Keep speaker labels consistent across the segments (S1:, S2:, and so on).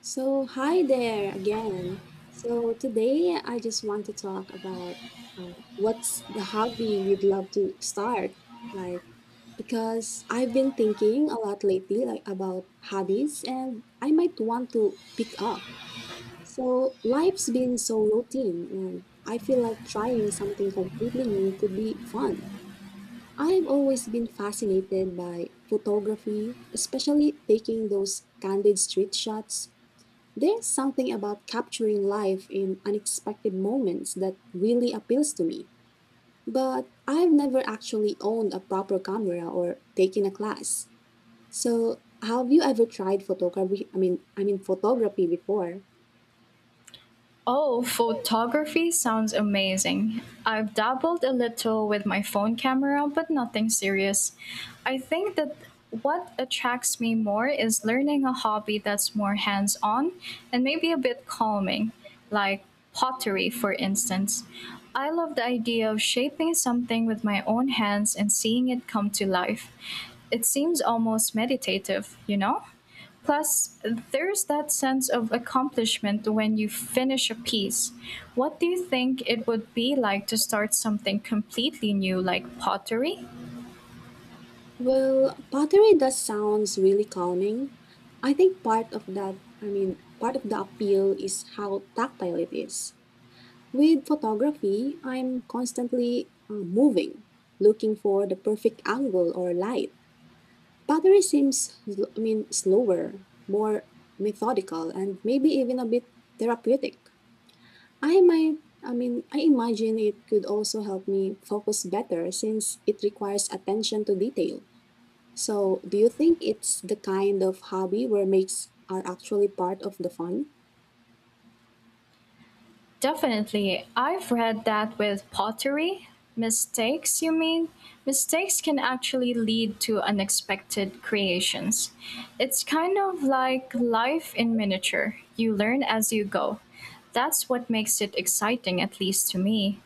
S1: So, hi there again. So, today I just want to talk about what's the hobby we'd love to start. Like, because I've been thinking a lot lately, like about hobbies, and I might want to pick up. So, life's been so routine, and I feel like trying something completely new could be fun. I've always been fascinated by photography, especially taking those candid street shots. There's something about capturing life in unexpected moments that really appeals to me. But I've never actually owned a proper camera or taken a class. So, have you ever tried photography? I mean photography before?
S2: Oh, photography sounds amazing. I've dabbled a little with my phone camera, but nothing serious. I think that what attracts me more is learning a hobby that's more hands on and maybe a bit calming, like pottery, for instance. I love the idea of shaping something with my own hands and seeing it come to life. It seems almost meditative, you know? Plus, there's that sense of accomplishment when you finish a piece. What do you think it would be like to start something completely new, like pottery?
S1: Well, pottery does sounds really calming. I think part of that, I mean, part of the appeal is how tactile it is. With photography, I'm constantly moving, looking for the perfect angle or light. Pottery seems, I mean, slower, more methodical, and maybe even a bit therapeutic. I mean, I imagine it could also help me focus better since it requires attention to detail. So, do you think it's the kind of hobby where makes are actually part of the fun?
S2: Definitely. I've read that with pottery, mistakes, you mean? Mistakes can actually lead to unexpected creations. It's kind of like life in miniature. You learn as you go. That's what makes it exciting, at least to me.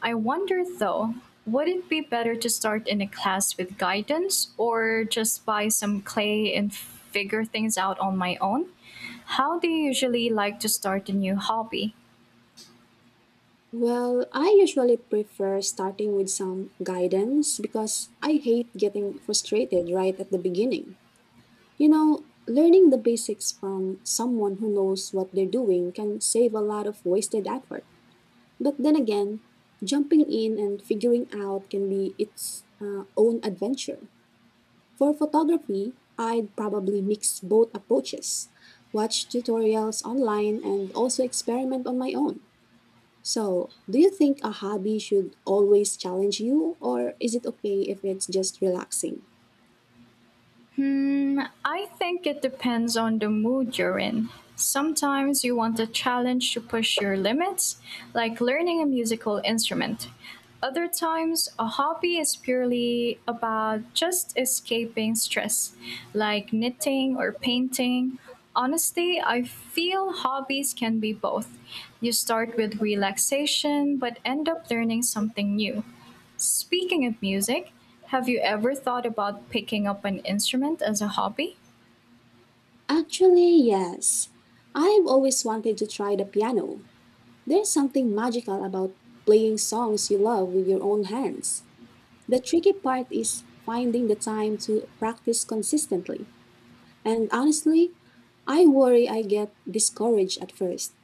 S2: I wonder though, would it be better to start in a class with guidance or just buy some clay and figure things out on my own? How do you usually like to start a new hobby?
S1: Well, I usually prefer starting with some guidance because I hate getting frustrated right at the beginning. You know, learning the basics from someone who knows what they're doing can save a lot of wasted effort. But then again, jumping in and figuring out can be its own adventure. For photography, I'd probably mix both approaches, watch tutorials online, and also experiment on my own. So, do you think a hobby should always challenge you, or is it okay if it's just relaxing?
S2: Hmm, I think it depends on the mood you're in. Sometimes you want a challenge to push your limits, like learning a musical instrument. Other times, a hobby is purely about just escaping stress, like knitting or painting. Honestly, I feel hobbies can be both. You start with relaxation but end up learning something new. Speaking of music, have you ever thought about picking up an instrument as a hobby?
S1: Actually, yes. I've always wanted to try the piano. There's something magical about playing songs you love with your own hands. The tricky part is finding the time to practice consistently. And honestly, I worry I get discouraged at first.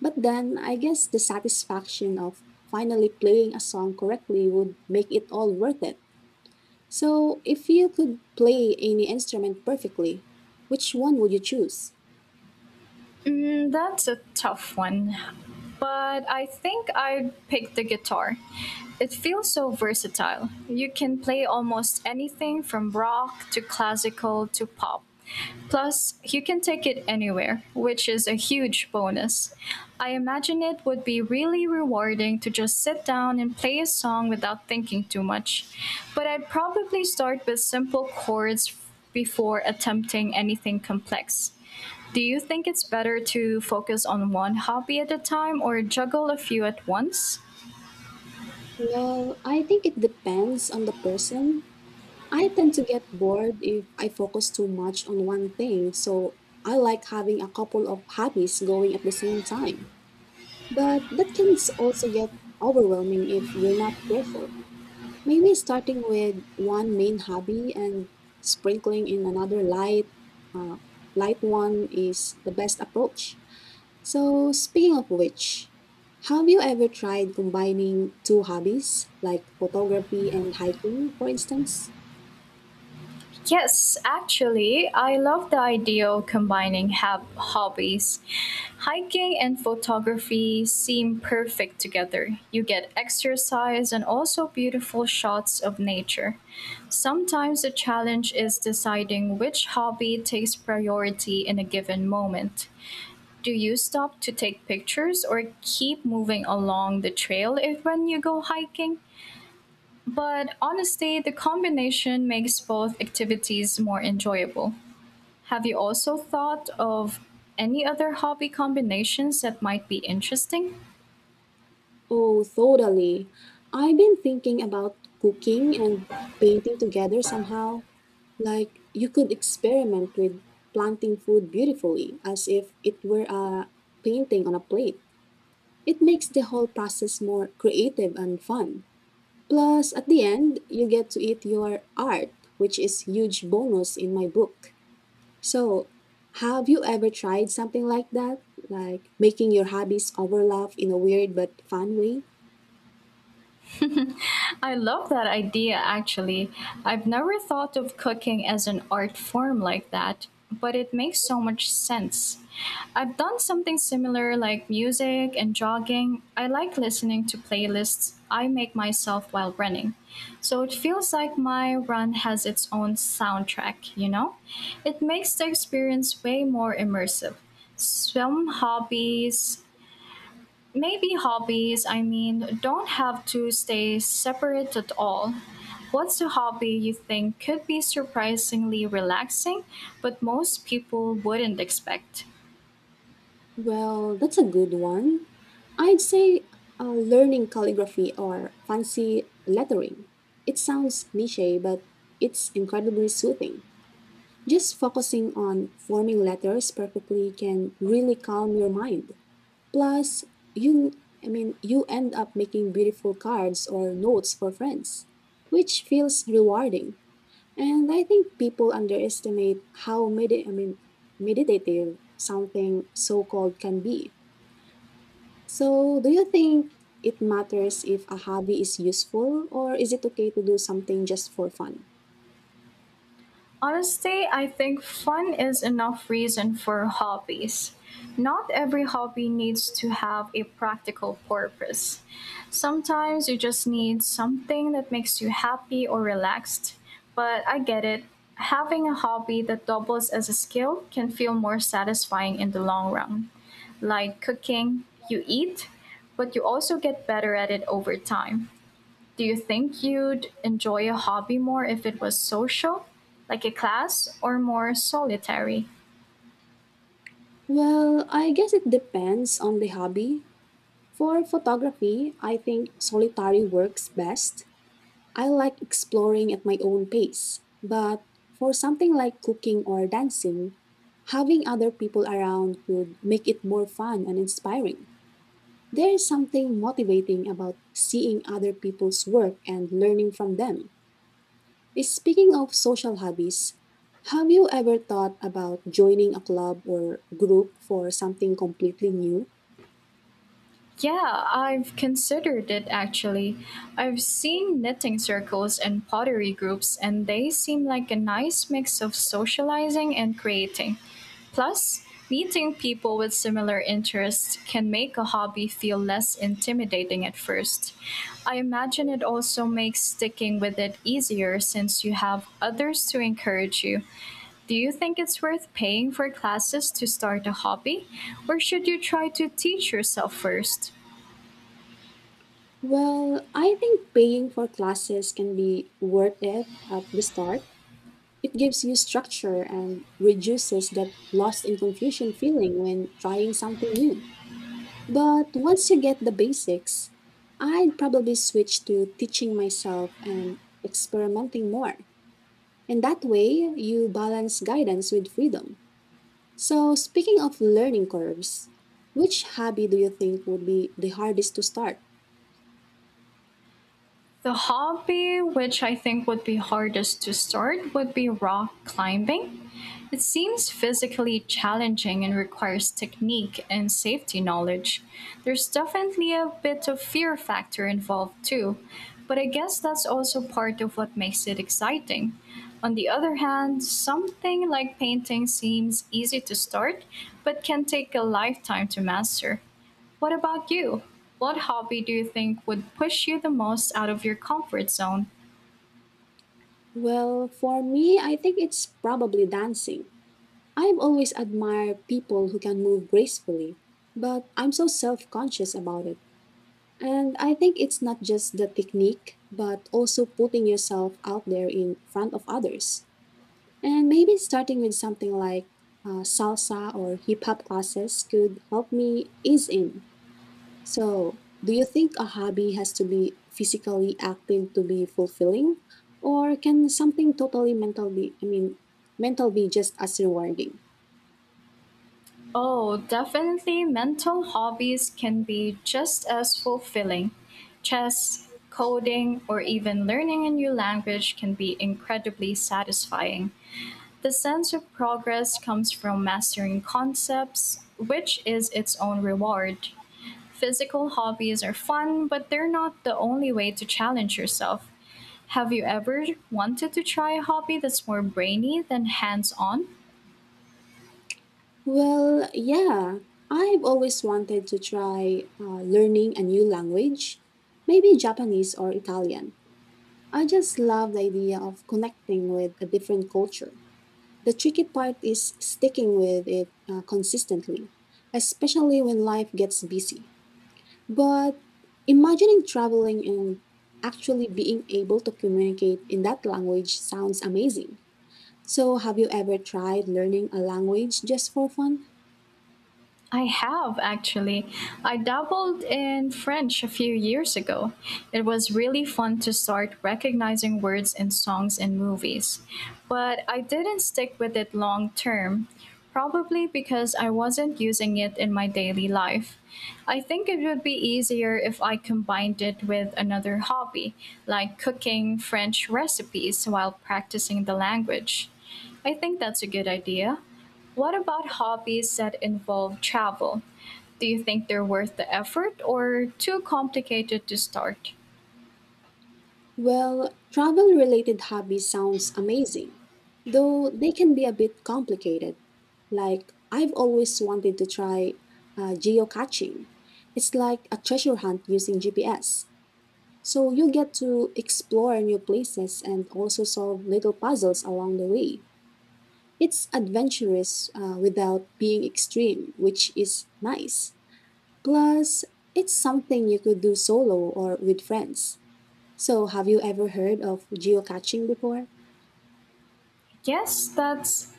S1: But then I guess the satisfaction of finally playing a song correctly would make it all worth it. So, if you could play any instrument perfectly, which one would you choose?
S2: Mm, that's a tough one. But I think I'd pick the guitar. It feels so versatile. You can play almost anything from rock to classical to pop. Plus, you can take it anywhere, which is a huge bonus. I imagine it would be really rewarding to just sit down and play a song without thinking too much. But I'd probably start with simple chords before attempting anything complex. Do you think it's better to focus on one hobby at a time or juggle a few at once?
S1: Well, I think it depends on the person. I tend to get bored if I focus too much on one thing, so I like having a couple of hobbies going at the same time. But that can also get overwhelming if you're not careful. Maybe starting with one main hobby and sprinkling in another uh, light one is the best approach. So, speaking of which, have you ever tried combining two hobbies, like photography and hiking, for instance?
S2: Yes, actually, I love the idea of combining hobbies. Hiking and photography seem perfect together. You get exercise and also beautiful shots of nature. Sometimes the challenge is deciding which hobby takes priority in a given moment. Do you stop to take pictures or keep moving along the trail if when you go hiking? But honestly, the combination makes both activities more enjoyable. Have you also thought of any other hobby combinations that might be interesting?
S1: Oh, totally. I've been thinking about cooking and painting together somehow. Like, you could experiment with planting food beautifully, as if it were a painting on a plate. It makes the whole process more creative and fun. Plus, at the end, you get to eat your art, which is huge bonus in my book. So, have you ever tried something like that? Like making your hobbies overlap in a weird but fun way?
S2: I love that idea actually. I've never thought of cooking as an art form like that, but it makes so much sense. I've done something similar like music and jogging. I like listening to playlists I make myself while running. So it feels like my run has its own soundtrack, you know? It makes the experience way more immersive. Some hobbies Maybe hobbies, I mean, don't have to stay separate at all. What's a hobby you think could be surprisingly relaxing, but most people wouldn't expect?
S1: Well, that's a good one. I'd say learning calligraphy or fancy lettering. It sounds niche, but it's incredibly soothing. Just focusing on forming letters perfectly can really calm your mind. Plus, you, I mean, you end up making beautiful cards or notes for friends, which feels rewarding. And I think people underestimate how I mean, meditative something so-called can be. So, do you think it matters if a hobby is useful or is it okay to do something just for fun?
S2: Honestly, I think fun is enough reason for hobbies. Not every hobby needs to have a practical purpose. Sometimes you just need something that makes you happy or relaxed. But I get it. Having a hobby that doubles as a skill can feel more satisfying in the long run. Like cooking, you eat, but you also get better at it over time. Do you think you'd enjoy a hobby more if it was social, like a class, or more solitary?
S1: Well, I guess it depends on the hobby. For photography, I think solitary works best. I like exploring at my own pace. But for something like cooking or dancing, having other people around could make it more fun and inspiring. There is something motivating about seeing other people's work and learning from them. Speaking of social hobbies, have you ever thought about joining a club or group for something completely new?
S2: Yeah, I've considered it actually. I've seen knitting circles and pottery groups, and they seem like a nice mix of socializing and creating. Plus, meeting people with similar interests can make a hobby feel less intimidating at first. I imagine it also makes sticking with it easier since you have others to encourage you. Do you think it's worth paying for classes to start a hobby, or should you try to teach yourself first?
S1: Well, I think paying for classes can be worth it at the start. It gives you structure and reduces that lost and confusion feeling when trying something new. But once you get the basics, I'd probably switch to teaching myself and experimenting more. And that way, you balance guidance with freedom. So, speaking of learning curves, which hobby do you think would be the hardest to start?
S2: The hobby which I think would be hardest to start would be rock climbing. It seems physically challenging and requires technique and safety knowledge. There's definitely a bit of fear factor involved too, but I guess that's also part of what makes it exciting. On the other hand, something like painting seems easy to start, but can take a lifetime to master. What about you? What hobby do you think would push you the most out of your comfort zone?
S1: Well, for me, I think it's probably dancing. I've always admired people who can move gracefully, but I'm so self conscious about it. And I think it's not just the technique, but also putting yourself out there in front of others. And maybe starting with something like salsa or hip hop classes could help me ease in. So, do you think a hobby has to be physically active to be fulfilling, or can something totally I mean, mental be just as rewarding?
S2: Oh, definitely mental hobbies can be just as fulfilling. Chess, coding, or even learning a new language can be incredibly satisfying. The sense of progress comes from mastering concepts, which is its own reward. Physical hobbies are fun, but they're not the only way to challenge yourself. Have you ever wanted to try a hobby that's more brainy than hands on?
S1: Well, yeah, I've always wanted to try learning a new language, maybe Japanese or Italian. I just love the idea of connecting with a different culture. The tricky part is sticking with it consistently, especially when life gets busy. But imagining traveling and actually being able to communicate in that language sounds amazing. So, have you ever tried learning a language just for fun?
S2: I have actually. I dabbled in French a few years ago. It was really fun to start recognizing words in songs and movies. But I didn't stick with it long term, probably because I wasn't using it in my daily life. I think it would be easier if I combined it with another hobby, like cooking French recipes while practicing the language. I think that's a good idea. What about hobbies that involve travel? Do you think they're worth the effort or too complicated to start?
S1: Well, travel related hobbies sounds amazing, though they can be a bit complicated. Like, I've always wanted to try geocaching. It's like a treasure hunt using GPS. So you get to explore new places and also solve little puzzles along the way. It's adventurous without being extreme, which is nice. Plus, it's something you could do solo or with friends. So, have you ever heard of geocaching before?
S2: Yes,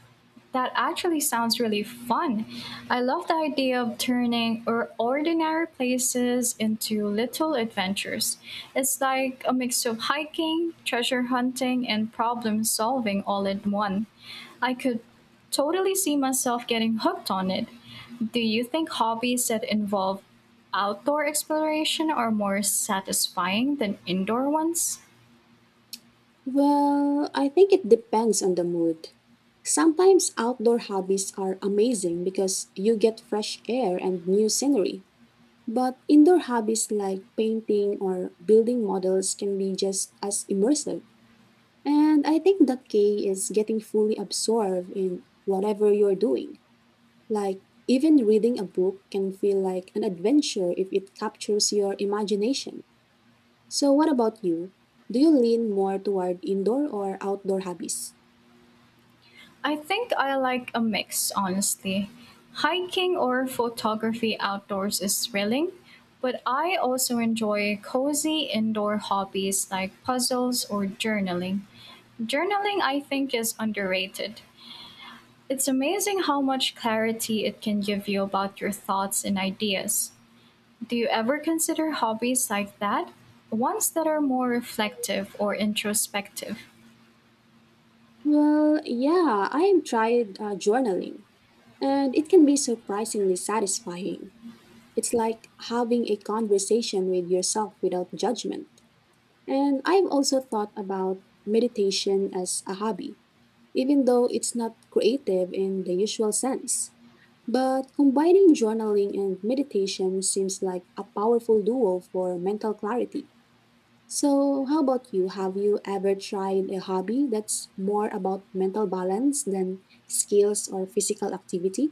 S2: that actually sounds really fun. I love the idea of turning or ordinary places into little adventures. It's like a mix of hiking, treasure hunting, and problem solving all in one. I could totally see myself getting hooked on it. Do you think hobbies that involve outdoor exploration are more satisfying than indoor ones?
S1: Well, I think it depends on the mood. Sometimes outdoor hobbies are amazing because you get fresh air and new scenery. But indoor hobbies like painting or building models can be just as immersive. And I think the key is getting fully absorbed in whatever you're doing. Like, even reading a book can feel like an adventure if it captures your imagination. So, what about you? Do you lean more toward indoor or outdoor hobbies?
S2: I think I like a mix, honestly. Hiking or photography outdoors is thrilling, but I also enjoy cozy indoor hobbies like puzzles or journaling. Journaling, I think, is underrated. It's amazing how much clarity it can give you about your thoughts and ideas. Do you ever consider hobbies like that? Ones that are more reflective or introspective?
S1: Well, yeah, I have tried journaling, and it can be surprisingly satisfying. It's like having a conversation with yourself without judgment. And I've also thought about meditation as a hobby, even though it's not creative in the usual sense. But combining journaling and meditation seems like a powerful duo for mental clarity. So, how about you? Have you ever tried a hobby that's more about mental balance than skills or physical activity?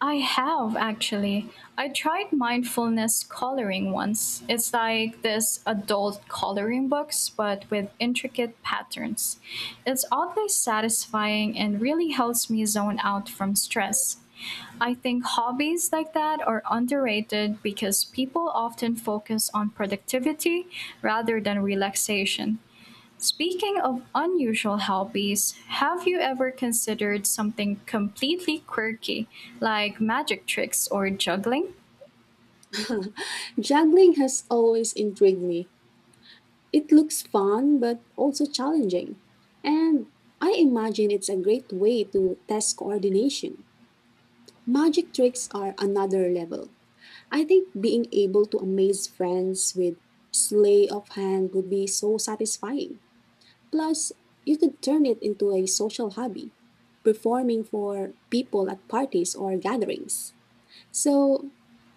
S2: I have actually. I tried mindfulness coloring once. It's like this adult coloring books, but with intricate patterns. It's oddly satisfying and really helps me zone out from stress. I think hobbies like that are underrated because people often focus on productivity rather than relaxation. Speaking of unusual hobbies, have you ever considered something completely quirky, like magic tricks or juggling?
S1: Juggling has always intrigued me. It looks fun but also challenging. And I imagine it's a great way to test coordination. Magic tricks are another level. I think being able to amaze friends with sleigh of hand would be so satisfying. Plus, you could turn it into a social hobby, performing for people at parties or gatherings. So,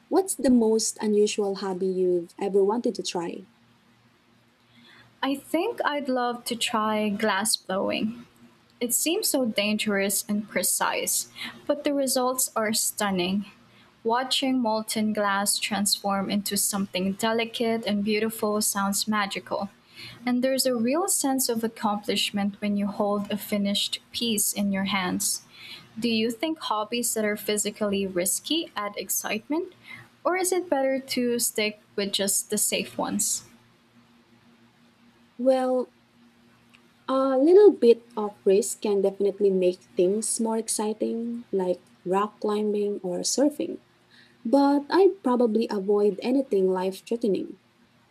S1: what's the most unusual hobby you've ever wanted to try?
S2: I think I'd love to try glass blowing. It seems so dangerous and precise, but the results are stunning. Watching molten glass transform into something delicate and beautiful sounds magical, and there's a real sense of accomplishment when you hold a finished piece in your hands. Do you think hobbies that are physically risky add excitement, or is it better to stick with just the safe ones?
S1: Well, a little bit of risk can definitely make things more exciting, like rock climbing or surfing. But I'd probably avoid anything life threatening.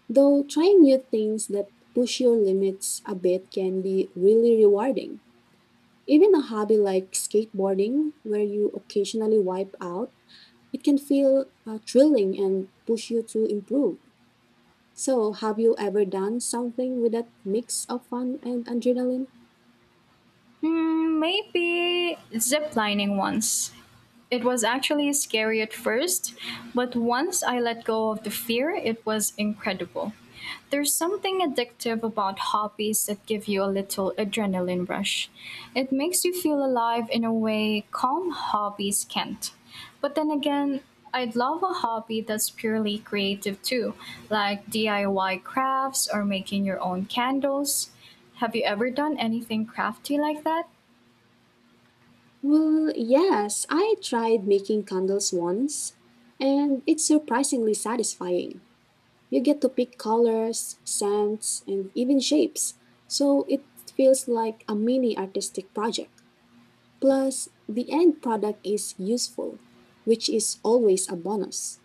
S1: Though trying new things that push your limits a bit can be really rewarding. Even a hobby like skateboarding, where you occasionally wipe out, it can feel thrilling and push you to improve. So, have you ever done something with that mix of fun and adrenaline?
S2: Hmm, maybe ziplining ones. It was actually scary at first, but once I let go of the fear, it was incredible. There's something addictive about hobbies that give you a little adrenaline rush. It makes you feel alive in a way calm hobbies can't. But then again, I'd love a hobby that's purely creative too, like DIY crafts or making your own candles. Have you ever done anything crafty like that?
S1: Well, yes, I tried making candles once, and it's surprisingly satisfying. You get to pick colors, scents, and even shapes, so it feels like a mini artistic project. Plus, the end product is useful, which is always a bonus.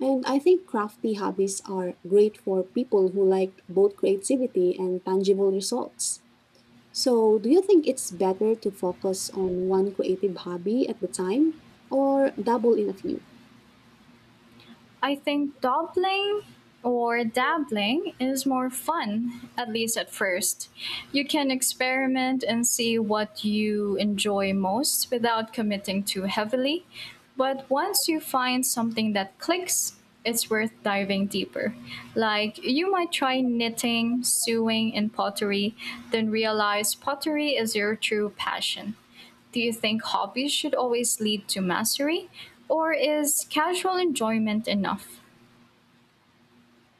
S1: And I think crafty hobbies are great for people who like both creativity and tangible results. So, do you think it's better to focus on one creative hobby at the time or dabble in a few?
S2: I think dabbling is more fun, at least at first. You can experiment and see what you enjoy most without committing too heavily. But once you find something that clicks, it's worth diving deeper. Like you might try knitting, sewing, and pottery, then realize pottery is your true passion. Do you think hobbies should always lead to mastery, or is casual enjoyment enough?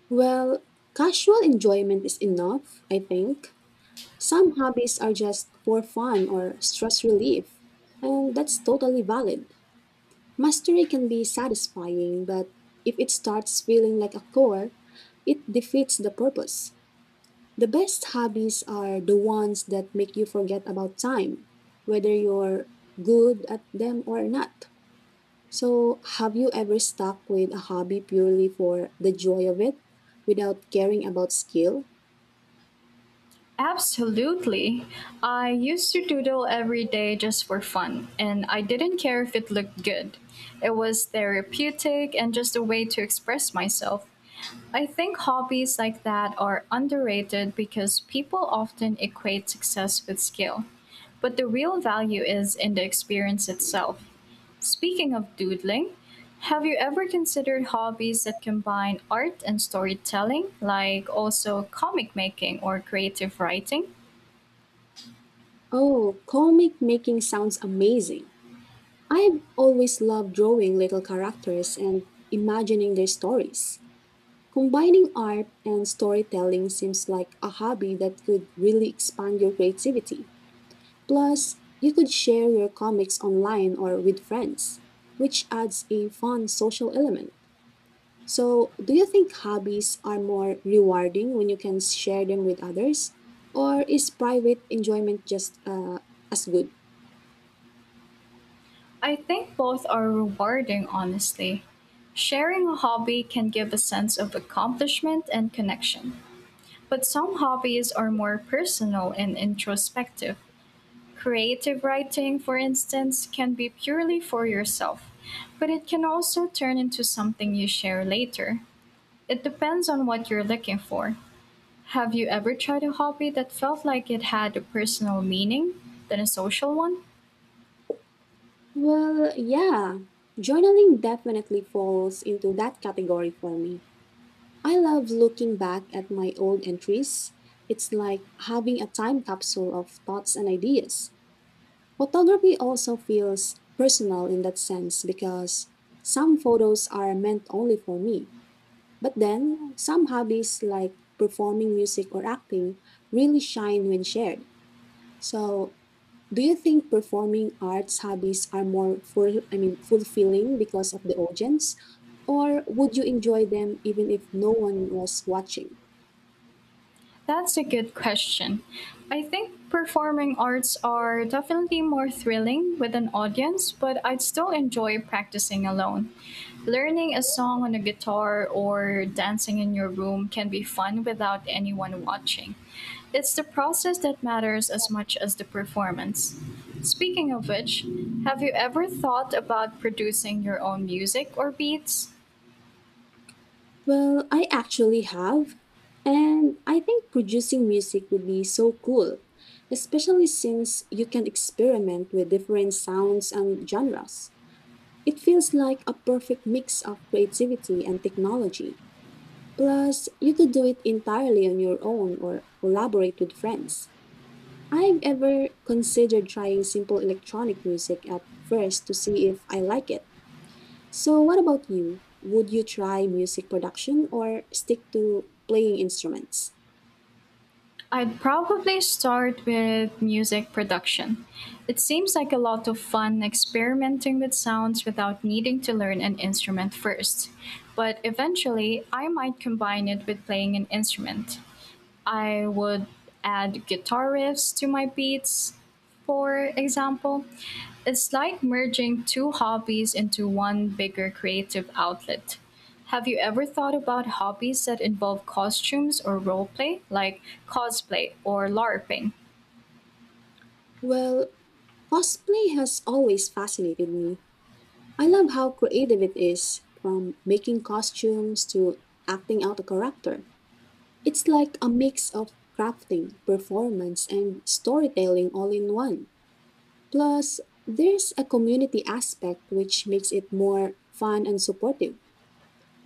S1: Well, casual enjoyment is enough, I think. Some hobbies are just for fun or stress relief, and that's totally valid. Mastery can be satisfying, but if it starts feeling like a chore, it defeats the purpose. The best hobbies are the ones that make you forget about time, whether you're good at them or not. So, have you ever stuck with a hobby purely for the joy of it without caring about skill?
S2: Absolutely. I used to doodle every day just for fun, and I didn't care if it looked good. It was therapeutic and just a way to express myself. I think hobbies like that are underrated because people often equate success with skill, but the real value is in the experience itself. Speaking of doodling, have you ever considered hobbies that combine art and storytelling, like also comic making or creative writing?
S1: Oh, comic making sounds amazing. I've always loved drawing little characters and imagining their stories. Combining art and storytelling seems like a hobby that could really expand your creativity. Plus, you could share your comics online or with friends, which adds a fun social element. So, do you think hobbies are more rewarding when you can share them with others? Or is private enjoyment just as good?
S2: I think both are rewarding, honestly. Sharing a hobby can give a sense of accomplishment and connection. But some hobbies are more personal and introspective. Creative writing, for instance, can be purely for yourself, but it can also turn into something you share later. It depends on what you're looking for. Have you ever tried a hobby that felt like it had a personal meaning than a social one?
S1: Well, yeah. Journaling definitely falls into that category for me. I love looking back at my old entries. It's like having a time capsule of thoughts and ideas. Photography also feels personal in that sense because some photos are meant only for me. But then some hobbies like performing music or acting really shine when shared. So, do you think performing arts hobbies are more fulfilling because of the audience? Or would you enjoy them even if no one was watching?
S2: That's a good question. I think performing arts are definitely more thrilling with an audience, but I'd still enjoy practicing alone. Learning a song on a guitar or dancing in your room can be fun without anyone watching. It's the process that matters as much as the performance. Speaking of which, have you ever thought about producing your own music or beats?
S1: Well, I actually have. And I think producing music would be so cool, especially since you can experiment with different sounds and genres. It feels like a perfect mix of creativity and technology. Plus, you could do it entirely on your own or collaborate with friends. I've ever considered trying simple electronic music at first to see if I like it. So, what about you? Would you try music production or stick to playing instruments?
S2: I'd probably start with music production. It seems like a lot of fun experimenting with sounds without needing to learn an instrument first. But eventually, I might combine it with playing an instrument. I would add guitar riffs to my beats, for example. It's like merging two hobbies into one bigger creative outlet. Have you ever thought about hobbies that involve costumes or roleplay, like cosplay or LARPing?
S1: Well, cosplay has always fascinated me. I love how creative it is, from making costumes to acting out a character. It's like a mix of crafting, performance, and storytelling all in one. Plus, there's a community aspect which makes it more fun and supportive.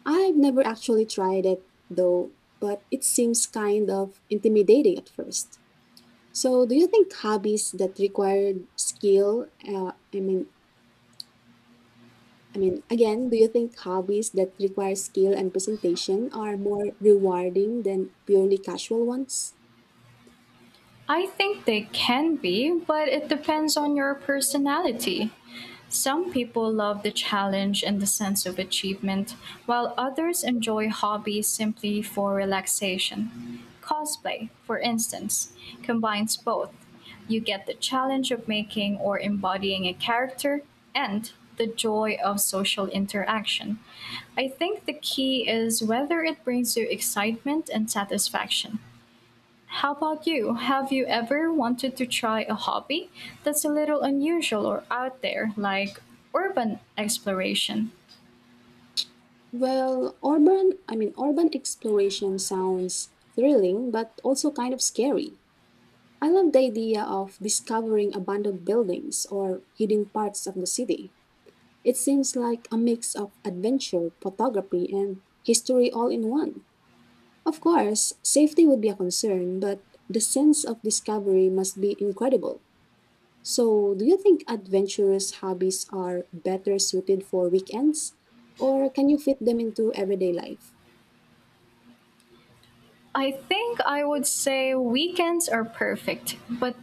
S1: I've never actually tried it though, but it seems kind of intimidating at first. So, do you think hobbies that require skill, I mean, again, do you think hobbies that require skill and presentation are more rewarding than purely casual ones?
S2: I think they can be, but it depends on your personality. Some people love the challenge and the sense of achievement, while others enjoy hobbies simply for relaxation. Cosplay, for instance, combines both. You get the challenge of making or embodying a character and the joy of social interaction. I think the key is whether it brings you excitement and satisfaction. How about you? Have you ever wanted to try a hobby that's a little unusual or out there, like urban exploration?
S1: Well, urban exploration sounds thrilling, but also kind of scary. I love the idea of discovering abandoned buildings or hidden parts of the city. It seems like a mix of adventure, photography, and history all in one. Of course, safety would be a concern, but the sense of discovery must be incredible. So, do you think adventurous hobbies are better suited for weekends, or can you fit them into everyday life?
S2: I think I would say weekends are perfect, but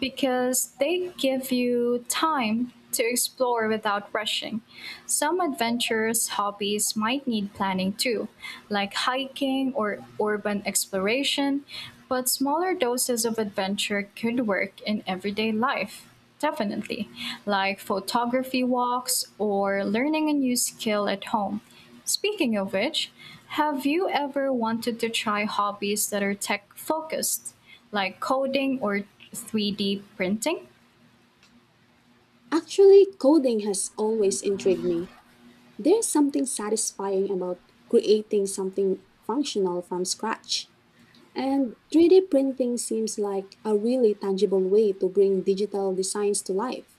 S2: because they give you time to explore without rushing. Some adventurous hobbies might need planning too, like hiking or urban exploration, but smaller doses of adventure could work in everyday life. Definitely, like photography walks or learning a new skill at home. Speaking of which, have you ever wanted to try hobbies that are tech focused, like coding or 3D printing?
S1: Actually, coding has always intrigued me. There's something satisfying about creating something functional from scratch. And 3D printing seems like a really tangible way to bring digital designs to life.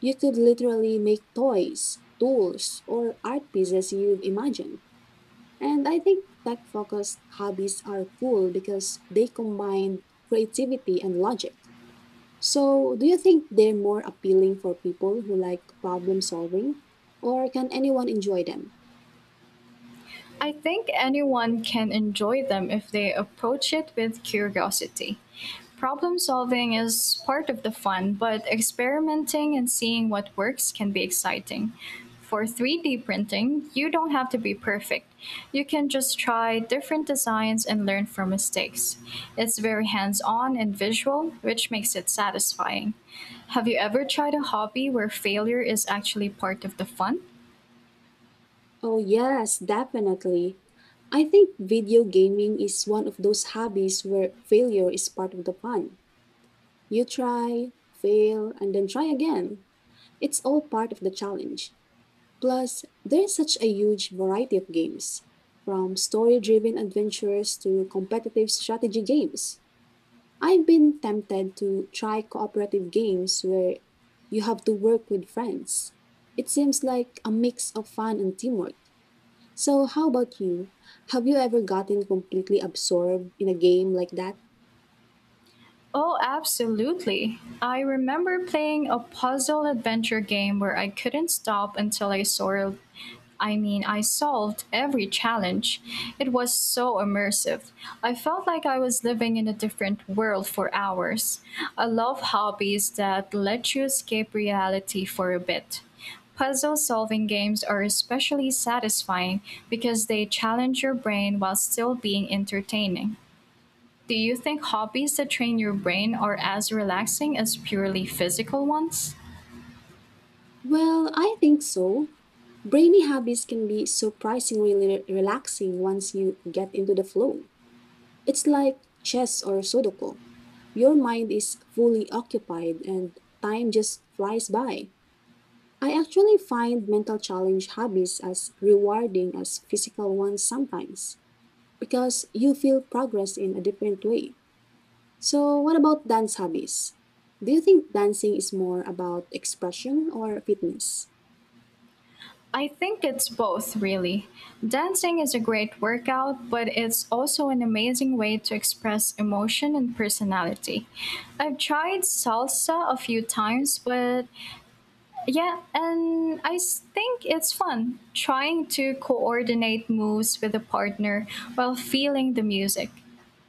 S1: You could literally make toys, tools, or art pieces you've imagined. And I think tech focused hobbies are cool because they combine creativity and logic. So, do you think they're more appealing for people who like problem solving, or can anyone enjoy them?
S2: I think anyone can enjoy them if they approach it with curiosity. Problem solving is part of the fun, but experimenting and seeing what works can be exciting. For 3D printing, you don't have to be perfect. You can just try different designs and learn from mistakes. It's very hands on and visual, which makes it satisfying. Have you ever tried a hobby where failure is actually part of the fun?
S1: Oh, yes, definitely. I think video gaming is one of those hobbies where failure is part of the fun. You try, fail, and then try again. It's all part of the challenge. Plus, there's such a huge variety of games, from story driven adventures to competitive strategy games. I've been tempted to try cooperative games where you have to work with friends. It seems like a mix of fun and teamwork. So, how about you? Have you ever gotten completely absorbed in a game like that?
S2: Oh, absolutely. I remember playing a puzzle adventure game where I couldn't stop until I solved every challenge. It was so immersive. I felt like I was living in a different world for hours. I love hobbies that let you escape reality for a bit. Puzzle solving games are especially satisfying because they challenge your brain while still being entertaining. Do you think hobbies that train your brain are as relaxing as purely physical ones?
S1: Well, I think so. Brainy hobbies can be surprisingly relaxing once you get into the flow. It's like chess or sudoku. Your mind is fully occupied and time just flies by. I actually find mental challenge hobbies as rewarding as physical ones sometimes because you feel progress in a different way. So, what about dance hobbies? Do you think dancing is more about expression or fitness?
S2: I think it's both, really. Dancing is a great workout, but it's also an amazing way to express emotion and personality. I've tried salsa a few times, but yeah, and I think it's fun trying to coordinate moves with a partner while feeling the music.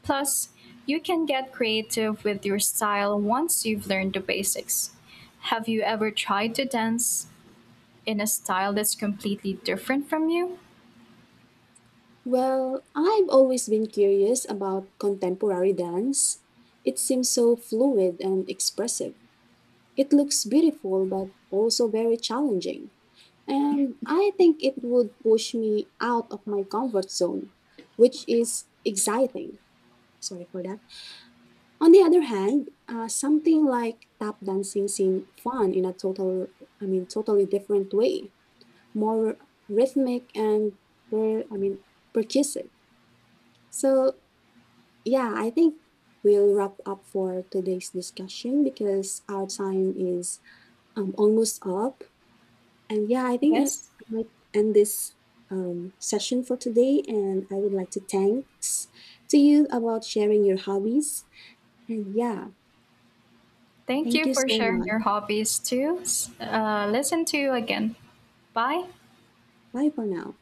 S2: Plus, you can get creative with your style once you've learned the basics. Have you ever tried to dance in a style that's completely different from you?
S1: Well, I've always been curious about contemporary dance. It seems so fluid and expressive. It looks beautiful, but also very challenging. And I think it would push me out of my comfort zone, which is exciting. Sorry for that. On the other hand, something like tap dancing seems fun in a totally different way, more rhythmic and, per, I mean, percussive. So, yeah, I think we'll wrap up for today's discussion because our time is almost up. And yeah, I think I
S2: Yes.
S1: might end this session for today. And I would like to thanks to you about sharing your hobbies. And yeah,
S2: Thank
S1: thank
S2: you
S1: you
S2: for
S1: so
S2: sharing
S1: much.
S2: your hobbies too. Listen to you again. Bye.
S1: Bye for now.